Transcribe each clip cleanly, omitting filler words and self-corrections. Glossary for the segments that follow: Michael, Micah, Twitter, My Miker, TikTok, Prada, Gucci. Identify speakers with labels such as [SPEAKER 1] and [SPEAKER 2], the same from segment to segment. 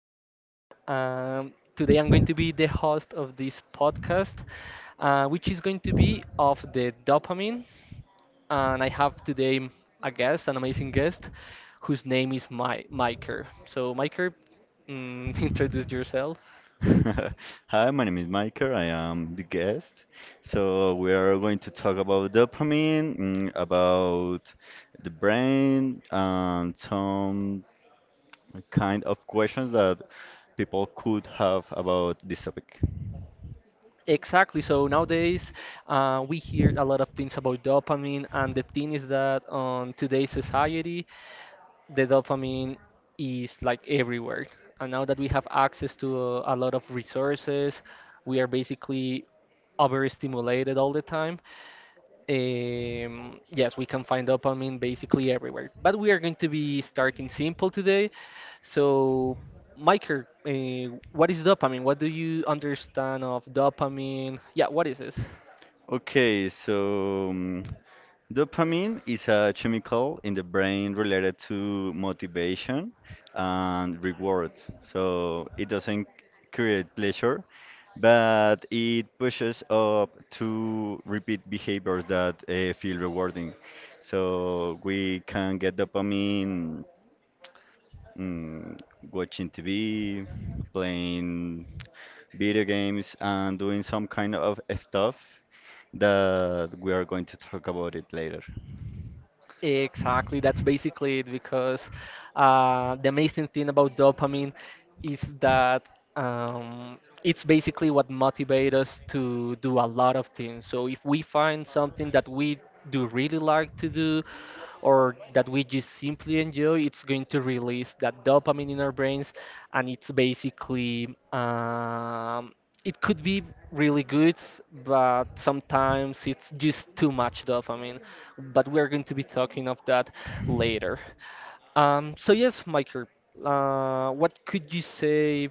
[SPEAKER 1] Christian. Today I'm going to be the host of this podcast, which is going to be of the dopamine. And I have today a guest, an amazing guest, whose name is My Miker. So, Miker, introduce yourself.
[SPEAKER 2] Hi, my name is Michael. I am the guest. So we are going to talk about dopamine, about the brain, and some kind of questions that people could have about this topic.
[SPEAKER 1] Exactly. So nowadays, we hear a lot of things about dopamine, and the thing is that on today's society, the dopamine is like everywhere. And now that we have access to a lot of resources, we are basically overstimulated all the time. Yes, we can find dopamine basically everywhere, but we are going to be starting simple today. So, Micah, what is dopamine? What do you understand of dopamine? Yeah, what is it?
[SPEAKER 2] Okay, so mm, Dopamine is a chemical in the brain related to motivation and reward. So it doesn't create pleasure, but it pushes up to repeat behaviors that feel rewarding. So we can get dopamine mm, watching TV, playing video games, and doing some kind of stuff that we are going to talk about it later.
[SPEAKER 1] Exactly, that's basically it because the amazing thing about dopamine is that it's basically what motivates us to do a lot of things. So if we find something that we do really like to do, or that we just simply enjoy, it's going to release that dopamine in our brains, and it's basically it could be really good, but sometimes it's just too much dopamine. But we're going to be talking of that later. So yes, Michael, what could you say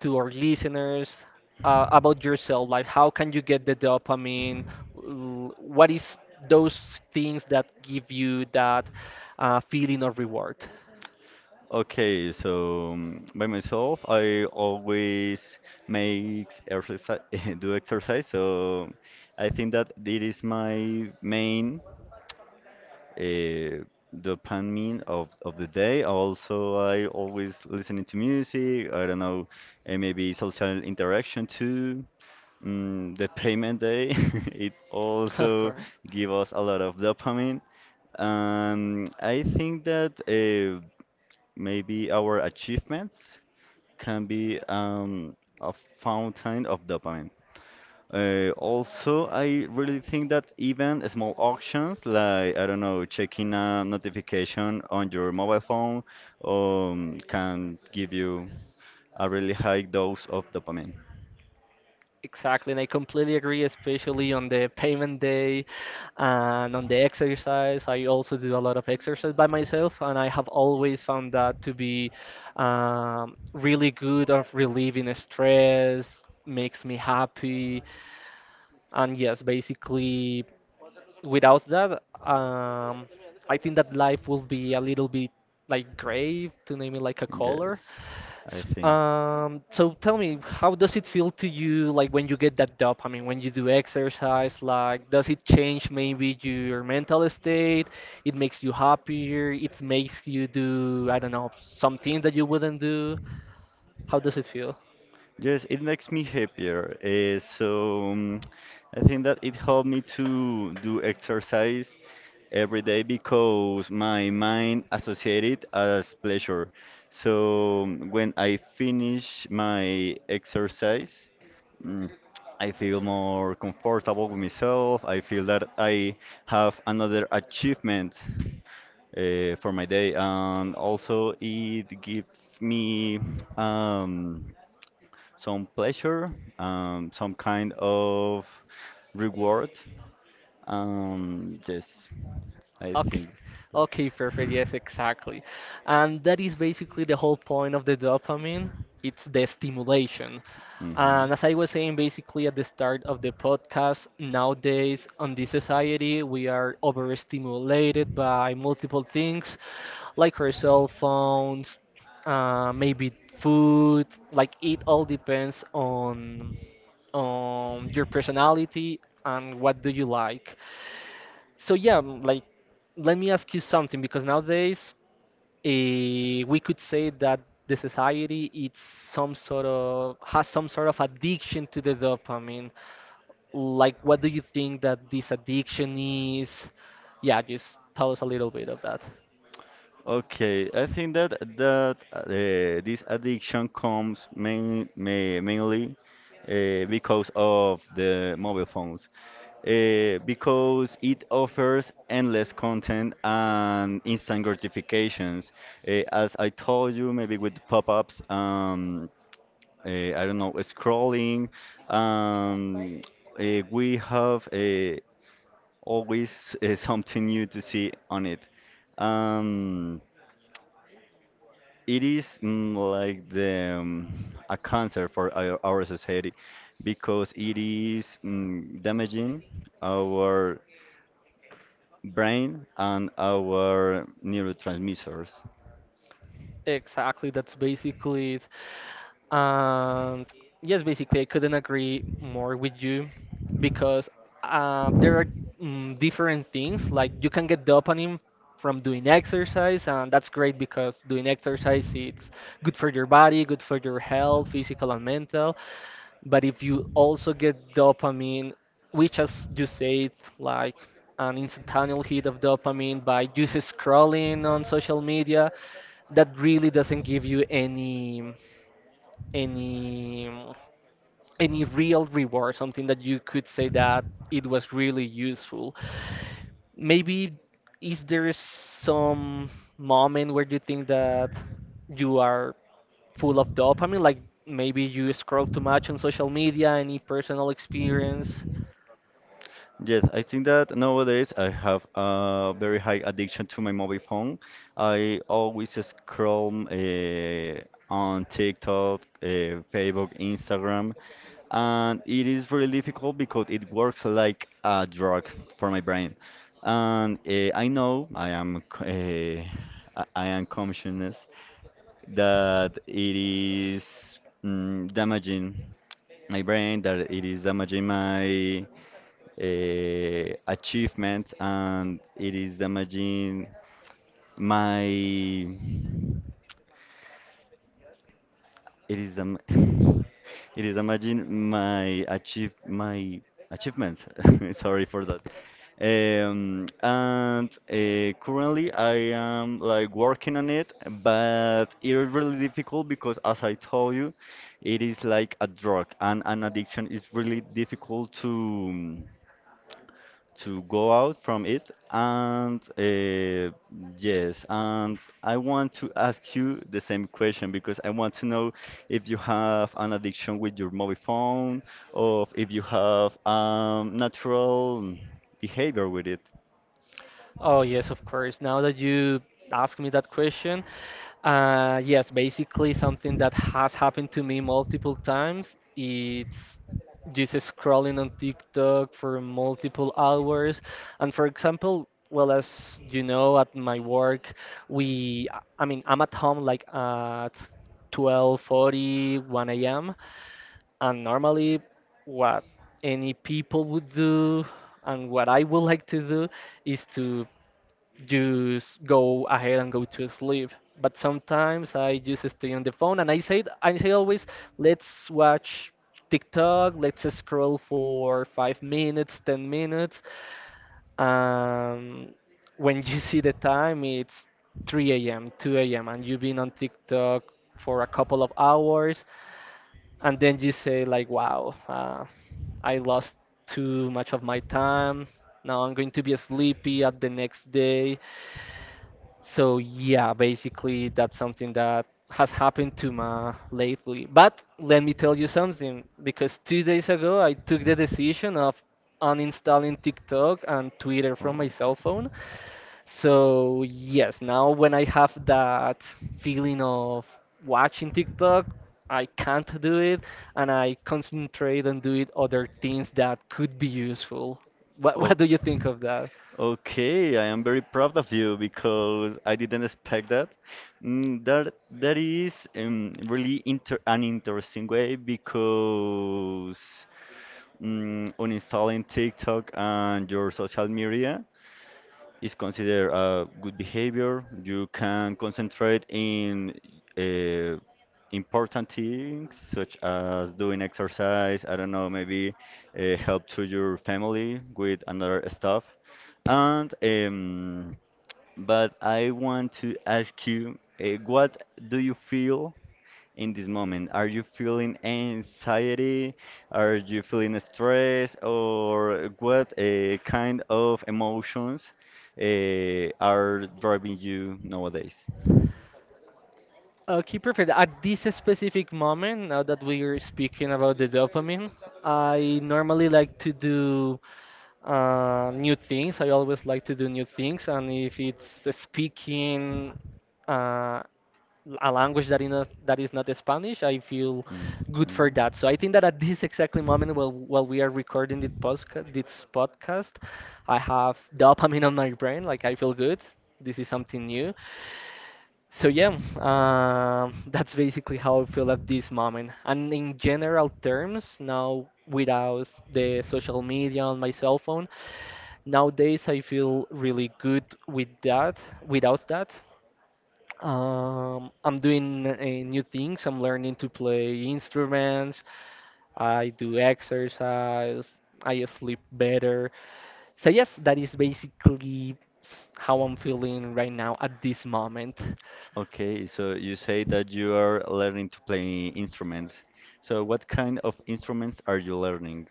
[SPEAKER 1] to our listeners about yourself? Like, how can you get the dopamine? What is those things that give you that feeling of reward?
[SPEAKER 2] By myself, I always make exercise, do exercise. So I think that it is my main uh, dopamine of the day. Also, I always listening to music. I don't know, maybe social interaction too. Mm, the payment day, it
[SPEAKER 1] Of
[SPEAKER 2] also
[SPEAKER 1] course.
[SPEAKER 2] give us a lot of dopamine. I think that maybe our achievements can be a fountain of dopamine. Also, I really think that even small actions like, I don't know, checking a notification on your mobile phone can give you a really high dose of dopamine.
[SPEAKER 1] Exactly, and I completely agree, especially on the payment day and on the exercise. I also do a lot of exercise by myself, and I have always found that to be really good of relieving stress, makes me happy. And yes, basically, without that, I think that life will be a little bit like gray, to name it like a color.
[SPEAKER 2] Yes, I
[SPEAKER 1] S-
[SPEAKER 2] think.
[SPEAKER 1] Um, so tell me, how does it feel to you like when you get that dopamine, when you do exercise, like does it change maybe your mental state? It makes you happier, it makes you do, I don't know, something that you wouldn't do. How does it feel?
[SPEAKER 2] Yes, it makes me happier. I think that it helped me to do exercise every day because my mind associated as pleasure. So when I finish my exercise, mm, I feel more comfortable with myself. I feel that I have another achievement for my day. And also, it gives me um, some pleasure, some kind of reward. Yes, I
[SPEAKER 1] Okay.
[SPEAKER 2] think.
[SPEAKER 1] Okay, perfect. Yes, exactly. And that is basically the whole point of the dopamine. It's the stimulation. And as I was saying basically at the start of the podcast, nowadays on this
[SPEAKER 2] Mhm.
[SPEAKER 1] society, we are overstimulated by multiple things like our cell phones, maybe food, like it all depends on your personality and what do you like. So yeah, like let me ask you something because nowadays uh, we could say that the society it's some sort of has some sort of addiction to the dopamine. Like what do you think that this addiction is? Yeah, just tell us a little bit of that.
[SPEAKER 2] Okay, I think that this addiction comes mainly because of the mobile phones, because it offers endless content and instant gratifications. As I told you, maybe with pop-ups, I don't know, scrolling. Um, we have always something new to see on it. Um, It is like the a cancer for our society because it is damaging our brain and our neurotransmitters.
[SPEAKER 1] Exactly, that's basically it. And yes, basically, I couldn't agree more with you because there are different things. Like you can get dopamine from doing exercise, and that's great because doing exercise it's good for your body, good for your health, physical and mental. But if you also get dopamine, which as you said, like an instantaneous hit of dopamine by just scrolling on social media, that really doesn't give you any any real reward, something that you could say that it was really useful. Maybe is there some moment where you think that you are full of dopamine, like maybe you scroll too much on social media, any personal experience?
[SPEAKER 2] Yes, I think that nowadays I have a very high addiction to my mobile phone. I always scroll on TikTok, Facebook, Instagram, and it is really difficult because it works like a drug for my brain. And I know I am conscious that it is damaging my brain, that it is damaging my achievements, and it is damaging my it is it is imagine my achievements. Sorry for that. And currently I am like working on it, but it is really difficult because as I told you, it is like a drug, and an addiction is really difficult to go out from it. And yes, and I want to ask you the same question because I want to know if you have an addiction with your mobile phone or if you have natural behavior with it.
[SPEAKER 1] Oh, yes, of course. Now that you ask me that question, yes, basically something that has happened to me multiple times. It's just scrolling on TikTok for multiple hours. And for example, well, as you know, at my work, we, I mean, I'm at home like at 12:40, 1 a.m. And normally, what any people would do and what I would like to do is to just go ahead and go to sleep. But sometimes I just stay on the phone and I say always let's watch TikTok, let's scroll for 5 minutes, 10 minutes. Um, when you see the time, it's 3 a.m., 2 a.m., and you've been on TikTok for a couple of hours, and then you say like, "Wow, I lost too much of my time. Now I'm going to be sleepy at the next day." So yeah, basically that's something that has happened to me lately. But let me tell you something, because 2 days ago I took the decision of uninstalling TikTok and Twitter
[SPEAKER 2] Oh.
[SPEAKER 1] from my cell phone. So yes, now when I have that feeling of watching TikTok, I can't do it, and I concentrate on doing other things that could be useful. What
[SPEAKER 2] O-
[SPEAKER 1] what do you think of that?
[SPEAKER 2] Okay, I am very proud of you because I didn't expect that. Mm, that is really inter an interesting way because uninstalling TikTok and your social media is considered a good behavior. You can concentrate in uh, important things such as doing exercise. I don't know, maybe help to your family with another stuff. And but I want to ask you, what do you feel in this moment? Are you feeling anxiety? Are you feeling stress? Or what kind of emotions are driving you nowadays?
[SPEAKER 1] Okay, perfect. At this specific moment, now that we are speaking about the dopamine, I normally like to do new things. I always like to do new things, and if it's speaking uh, a language that is not Spanish, I feel good for
[SPEAKER 2] Mhm.
[SPEAKER 1] that. So I think that at this exactly moment, while we are recording this podcast, I have dopamine on my brain. Like I feel good. This is something new. So yeah, that's basically how I feel at this moment. And in general terms, now without the social media on my cell phone, nowadays I feel really good with that. Without that, I'm doing new things. I'm learning to play instruments. I do exercise. I sleep better. So yes, that is basically how I'm feeling right now at this moment.
[SPEAKER 2] Okay, so you say that you are learning to play instruments. So what kind of instruments are you learning?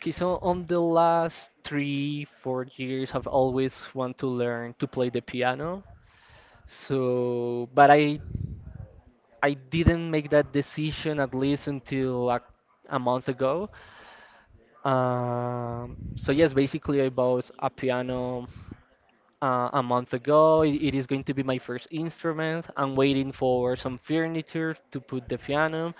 [SPEAKER 1] Okay, so on the last 3, 4 years, I've always want to learn to play the piano. So, but I didn't make that decision at least until like a month ago. So yes, basically I bought a piano a month ago. It is going to be my first instrument. I'm waiting for some furniture to put the piano.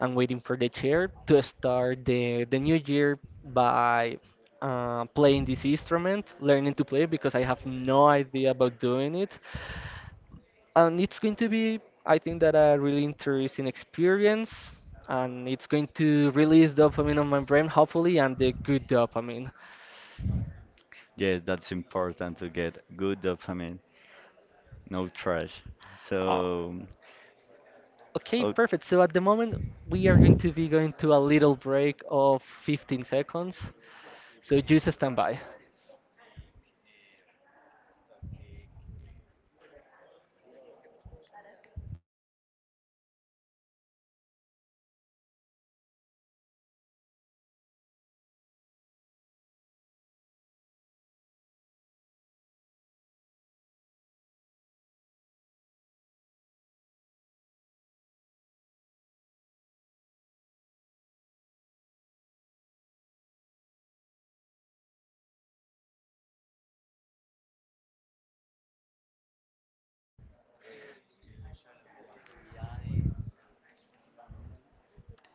[SPEAKER 1] I'm waiting for the chair to start the new year by playing this instrument, learning to play because I have no idea about doing it. And it's going to be, I think, that a really interesting experience. And it's going to release dopamine on my brain, hopefully, and the good dopamine.
[SPEAKER 2] Yes, that's important to get good dopamine, no trash.
[SPEAKER 1] Uh,
[SPEAKER 2] So,
[SPEAKER 1] okay,
[SPEAKER 2] o-
[SPEAKER 1] perfect. So at the moment, we are going to be going to a little break of 15 seconds. So just stand by.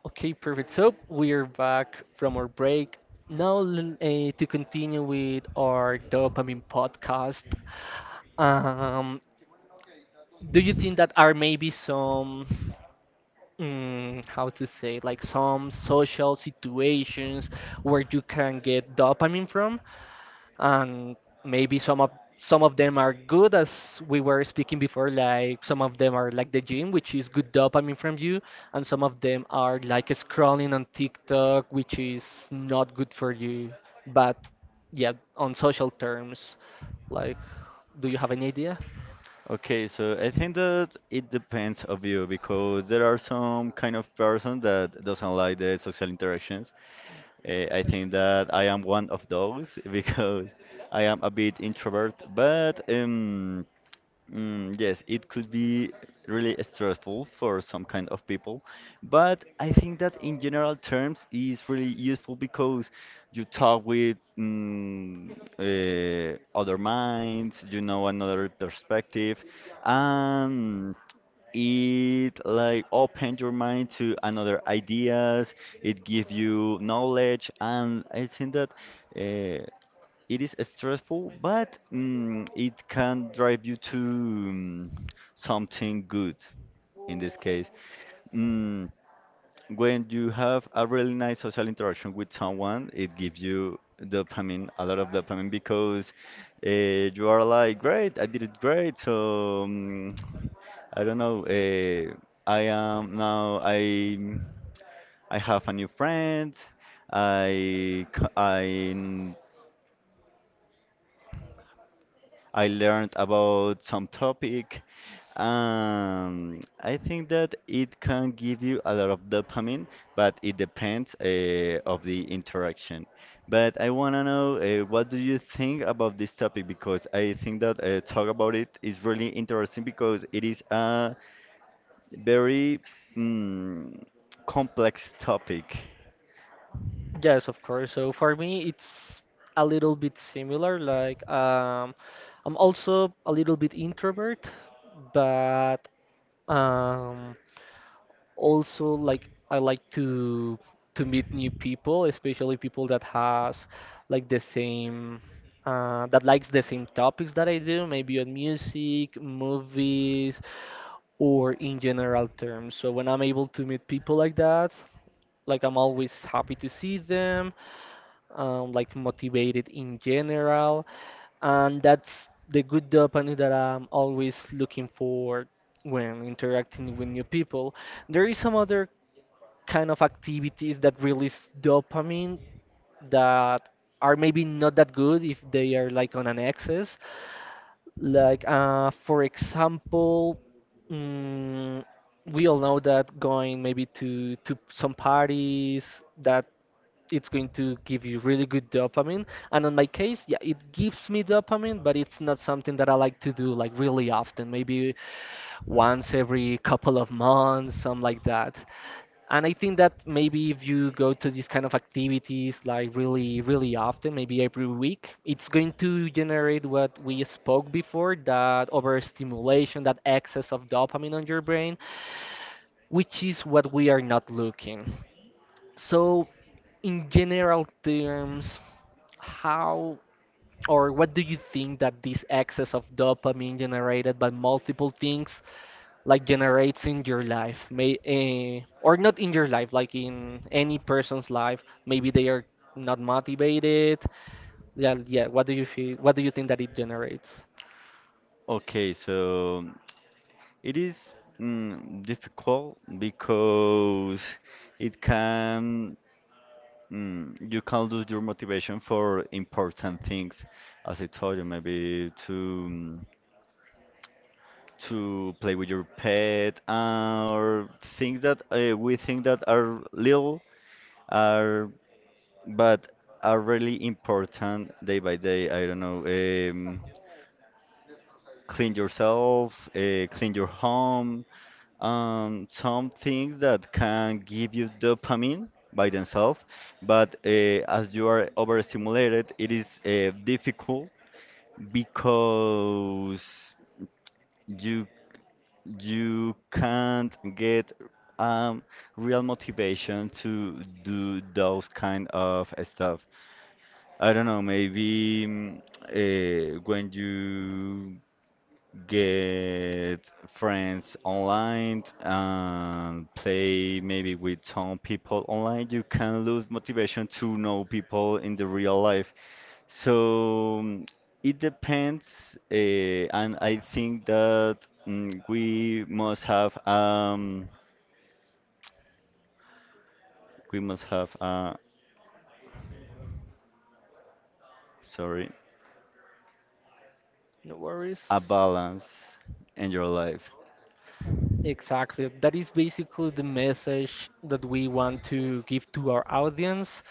[SPEAKER 1] Okay, perfect. So we are back from our break. Now, to continue with our dopamine podcast, um, do you think that are maybe some, how to say, like some social situations where you can get dopamine from? And maybe some of them are good, as we were speaking before. Like some of them are like the gym, which is good dopamine from you, and some of them are like scrolling on TikTok, which is not good for you. But yeah, on social terms, like, do you have any idea?
[SPEAKER 2] okay, so I think that it depends of you because there are some kind of person that doesn't like the social interactions. Eh, I think that I am one of those because I am a bit introvert, but mm, yes, it could be really stressful for some kind of people, but I think that in general terms is really useful because you talk with other minds, you know another perspective, and it like open your mind to another ideas. It give you knowledge, and I think that. Uh, it is stressful, but it can drive you to something good in this case. Mm, when you have a really nice social interaction with someone, it gives you dopamine, a lot of dopamine, because uh, you are like, great, I did it great. I don't know. I am now. I have a new friend. I c- I learned about some topic. I think that it can give you a lot of dopamine, but it depends of the interaction. But I want to know what do you think about this topic because I think that talk about it is really interesting because it is a very mm, complex topic.
[SPEAKER 1] Yes, of course. So for me it's a little bit similar, like, I'm also a little bit introvert, but um also like I like to meet new people, especially people that has like the same that likes the same topics that I do, maybe on music, movies, or in general terms. So when I'm able to meet people like that, like I'm always happy to see them, like motivated in general, and that's the good dopamine that I'm always looking for when interacting with new people. There is some other kind of activities that release dopamine that are maybe not that good if they are like on an excess. Like, for example, mm, we all know that going maybe to some parties that it's going to give you really good dopamine. And on my case, yeah, it gives me dopamine, but it's not something that I like to do like really often. Maybe once every couple of months, something like that. And I think that maybe if you go to these kind of activities like really, really often, maybe every week, it's going to generate what we spoke before, that overstimulation, that excess of dopamine on your brain, which is what we are not looking. So, in general terms, how or what do you think that this excess of dopamine generated by multiple things like generates in your life may or not in your life, like in any person's life? Maybe they are not motivated. Yeah, yeah, what do you feel, what do you think that it generates?
[SPEAKER 2] Okay, so it is difficult because it can mm, you can lose your motivation for important things, as I told you, maybe to mm, to play with your pet or things that we think that are little are but are really important day by day. I don't know, clean yourself, clean your home, some things that can give you dopamine by themselves, but as you are overstimulated, it is difficult because you you can't get um, real motivation to do those kind of stuff. I don't know, maybe when you get friends online and play maybe with some people online, you can lose motivation to know people in the real life. So mm, it depends, and I think that mm, we must have um we must have sorry,
[SPEAKER 1] No worries.
[SPEAKER 2] a balance in your life.
[SPEAKER 1] Exactly, that is basically the message that we want to give to our audience,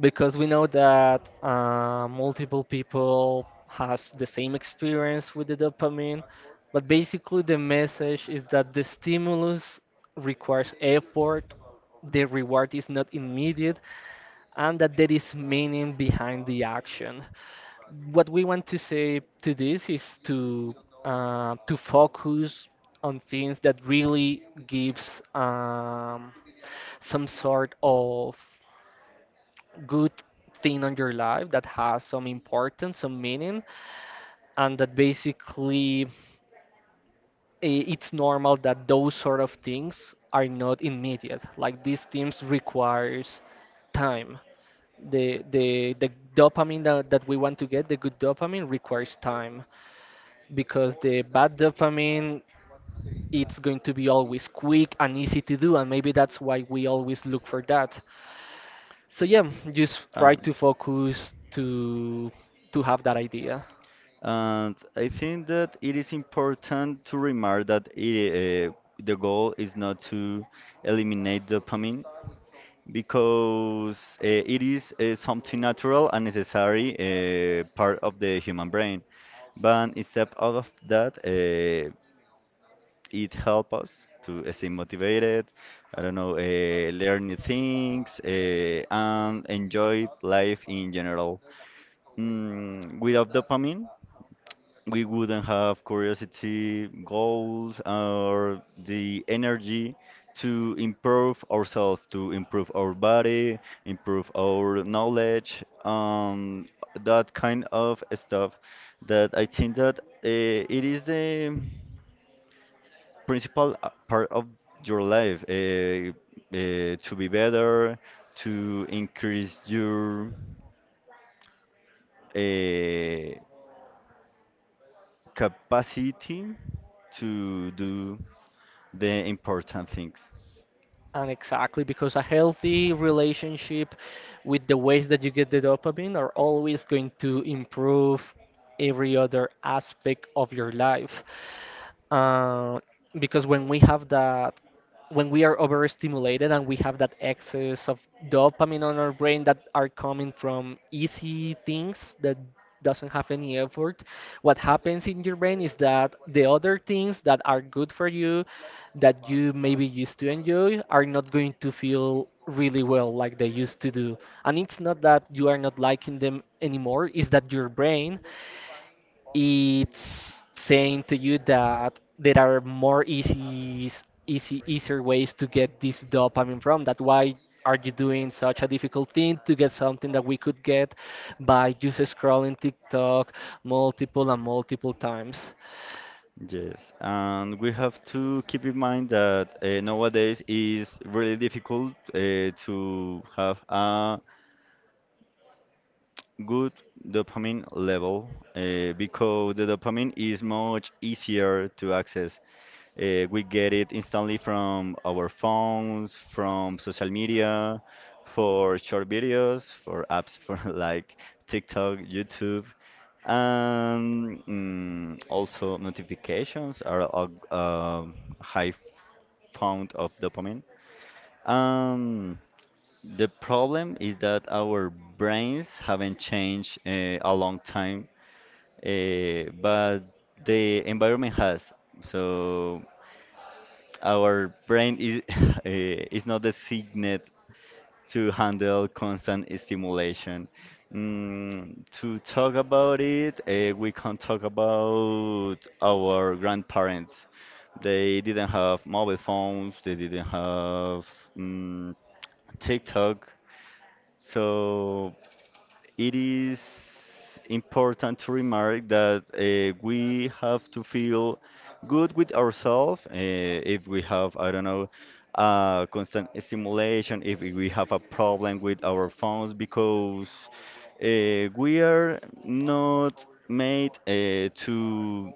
[SPEAKER 1] because we know that multiple people has the same experience with the dopamine, but basically the message is that the stimulus requires effort, the reward is not immediate, and that there is meaning behind the action. What we want to say to this is to focus on things that really gives some sort of good thing on your life that has some importance, some meaning, and that basically it's normal that those sort of things are not immediate. Like, these things requires time. The dopamine that we want to get, the good dopamine requires time, because the bad dopamine, it's going to be always quick and easy to do, and maybe that's why we always look for that. So yeah, just try to
[SPEAKER 2] Um,
[SPEAKER 1] focus to have that idea.
[SPEAKER 2] And I think that it is important to remark that the goal is not to eliminate dopamine because it is something natural and necessary part of the human brain. But instead of that, it helps us to stay motivated, I don't know, learn new things, and enjoy life in general. Mm, without dopamine, we wouldn't have curiosity, goals, or the energy to improve ourselves, to improve our body, improve our knowledge, that kind of stuff. That I think that it is the principal part of your life to be better, to increase your uh, capacity to do the important things.
[SPEAKER 1] And exactly, because a healthy relationship with the ways that you get the dopamine are always going to improve every other aspect of your life. Uh, because when we have that, when we are overstimulated and we have that excess of dopamine on our brain that are coming from easy things that doesn't have any effort, what happens in your brain is that the other things that are good for you that you maybe used to enjoy are not going to feel really well like they used to do. And it's not that you are not liking them anymore, it's that your brain it's saying to you that there are more easy easier ways to get this dopamine from. That why are you doing such a difficult thing to get something that we could get by just scrolling TikTok multiple and multiple times.
[SPEAKER 2] Yes, and we have to keep in mind that nowadays is really difficult to have a good dopamine level because the dopamine is much easier to access. We get it instantly from our phones, from social media, for short videos, for apps for like TikTok, YouTube. And mm, also notifications are a high fount of dopamine. Um, the problem is that our brains haven't changed a long time, but the environment has. So our brain is is not designed to handle constant stimulation. Mm, to talk about it, we can talk about our grandparents. They didn't have mobile phones, they didn't have mm, TikTok. So it is important to remark that we have to feel good with ourselves if we have, I don't know, constant stimulation, if we have a problem with our phones, because we are not made to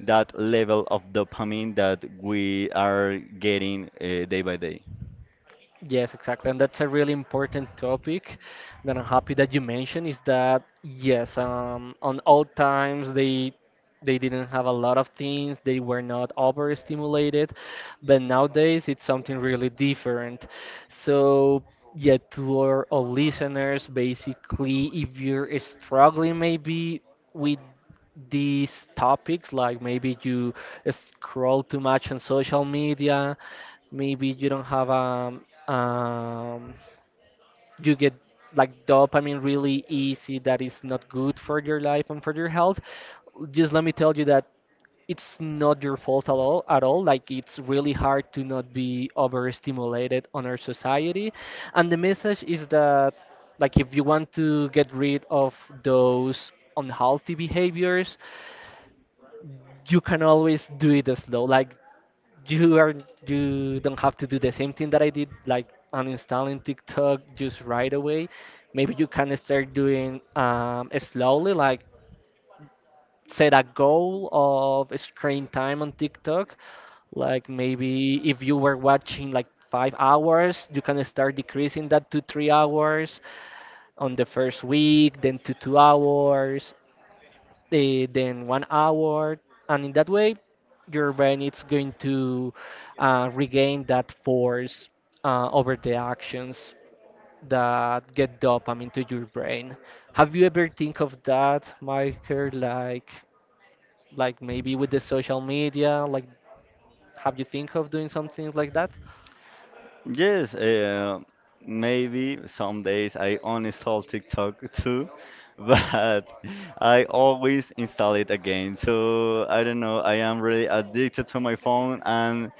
[SPEAKER 2] that level of dopamine that we are getting day by day.
[SPEAKER 1] Yes, exactly. And that's a really important topic that I'm happy that you mentioned, is that yes, on old times they didn't have a lot of things, they were not overstimulated, but nowadays it's something really different. So yeah, to our listeners, basically, if you're struggling maybe with these topics, like maybe you scroll too much on social media, maybe you don't have um you get like dopamine really easy that is not good for your life and for your health, just let me tell you that it's not your fault at all, at all. Like, it's really hard to not be overstimulated on our society, and the message is that, like, if you want to get rid of those unhealthy behaviors, you can always do it slow. Like, you are, you don't have to do the same thing that I did, like uninstalling TikTok just right away. Maybe you can start doing slowly, like, set a goal of screen time on TikTok. Like, maybe if you were watching like 5 hours, you can start decreasing that to 3 hours on the first week, then to 2 hours then one hour, and in that way, your brain is going to regain that force over the actions that get dopamine to your brain. Have you ever think of that, Michael? Like maybe with the social media, like, have you think of doing something like that?
[SPEAKER 2] Yes, maybe some days I uninstall TikTok too, but I always install it again. So I don't know, I am really addicted to my phone, and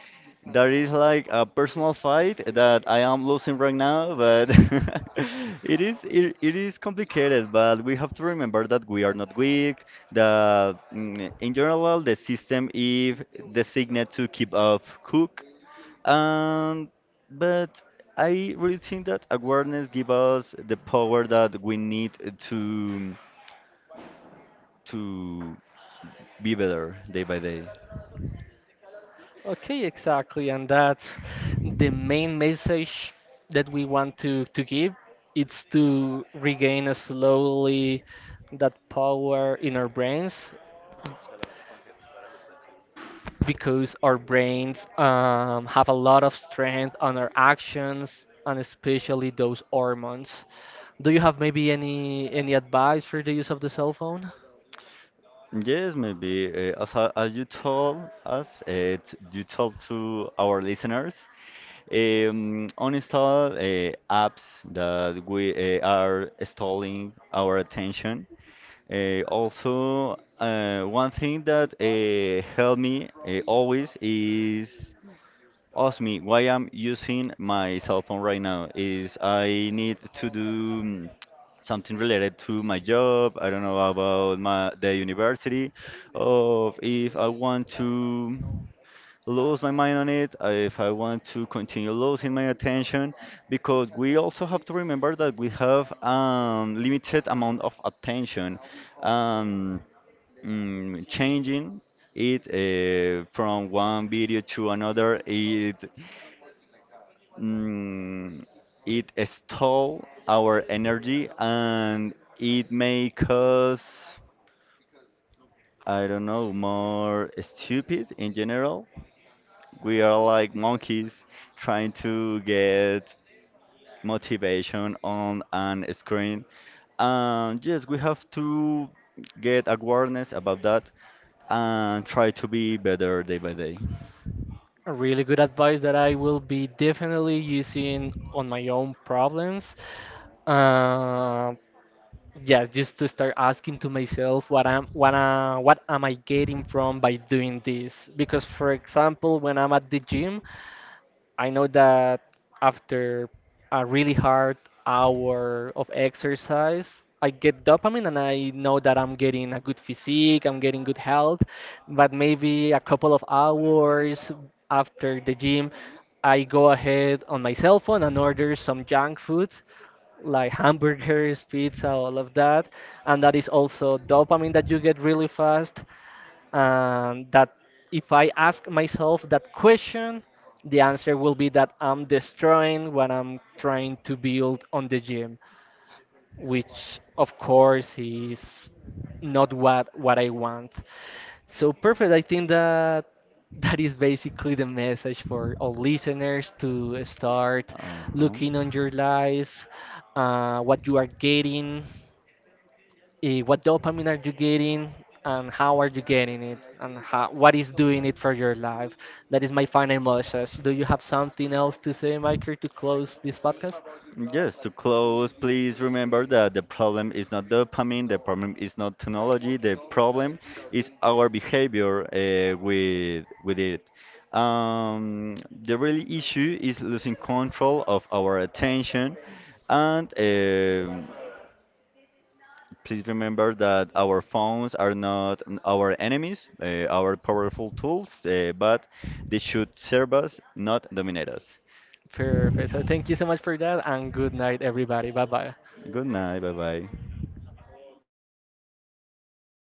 [SPEAKER 2] that is like a personal fight that I am losing right now. But it is complicated, but we have to remember that we are not weak. That mm, in general the system is designed to keep up cook. Um, but I really think that awareness gives us the power that we need to to be better day by day.
[SPEAKER 1] Okay, exactly, and that's the main message that we want to give. It's to regain slowly that power in our brains, because our brains have a lot of strength on our actions, and especially those hormones. Do you have maybe any advice for the use of the cell phone?
[SPEAKER 2] Yes, maybe as you told us, t- you told to our listeners, uninstall apps that we are stalling our attention. One thing that helped me always is ask me why I'm using my cell phone right now is I need to do something related to my job. I don't know about my the university, of if I want to lose my mind on it, if I want to continue losing my attention, because we also have to remember that we have limited amount of attention. Um, changing it from one video to another mm, it stole our energy and it make us, I don't know, more stupid in general. We are like monkeys trying to get motivation on an screen, and yes, we have to get awareness about that and try to be better day by day.
[SPEAKER 1] A really good advice that I will be definitely using on my own problems. Um, yeah, just to start asking to myself what I'm what I, what am I getting from by doing this? Because for example, when I'm at the gym, I know that after a really hard hour of exercise, I get dopamine, and I know that I'm getting a good physique, I'm getting good health, but maybe a couple of hours after the gym, I go ahead on my cell phone and order some junk food like hamburgers, pizza, all of that. And that is also dopamine that you get really fast. And that, if I ask myself that question, the answer will be that I'm destroying what I'm trying to build on the gym, which of course is not what what I want. So perfect. I think that that is basically the message for all listeners to start
[SPEAKER 2] Uh-huh.
[SPEAKER 1] looking on your lives, what you are getting, what dopamine are you getting, and how are you getting it, and how, what is doing it for your life. That is my final message. Do you have something else to say, Michael, to close this podcast?
[SPEAKER 2] Yes, to close, please remember that the problem is not dopamine, the problem is not technology, the problem is our behavior with with it. Um, the real issue is losing control of our attention, and please remember that our phones are not our enemies, our powerful tools, but they should serve us, not dominate us.
[SPEAKER 1] Perfect. So thank you so much for that, and good night, everybody. Bye bye.
[SPEAKER 2] Good night. Bye bye.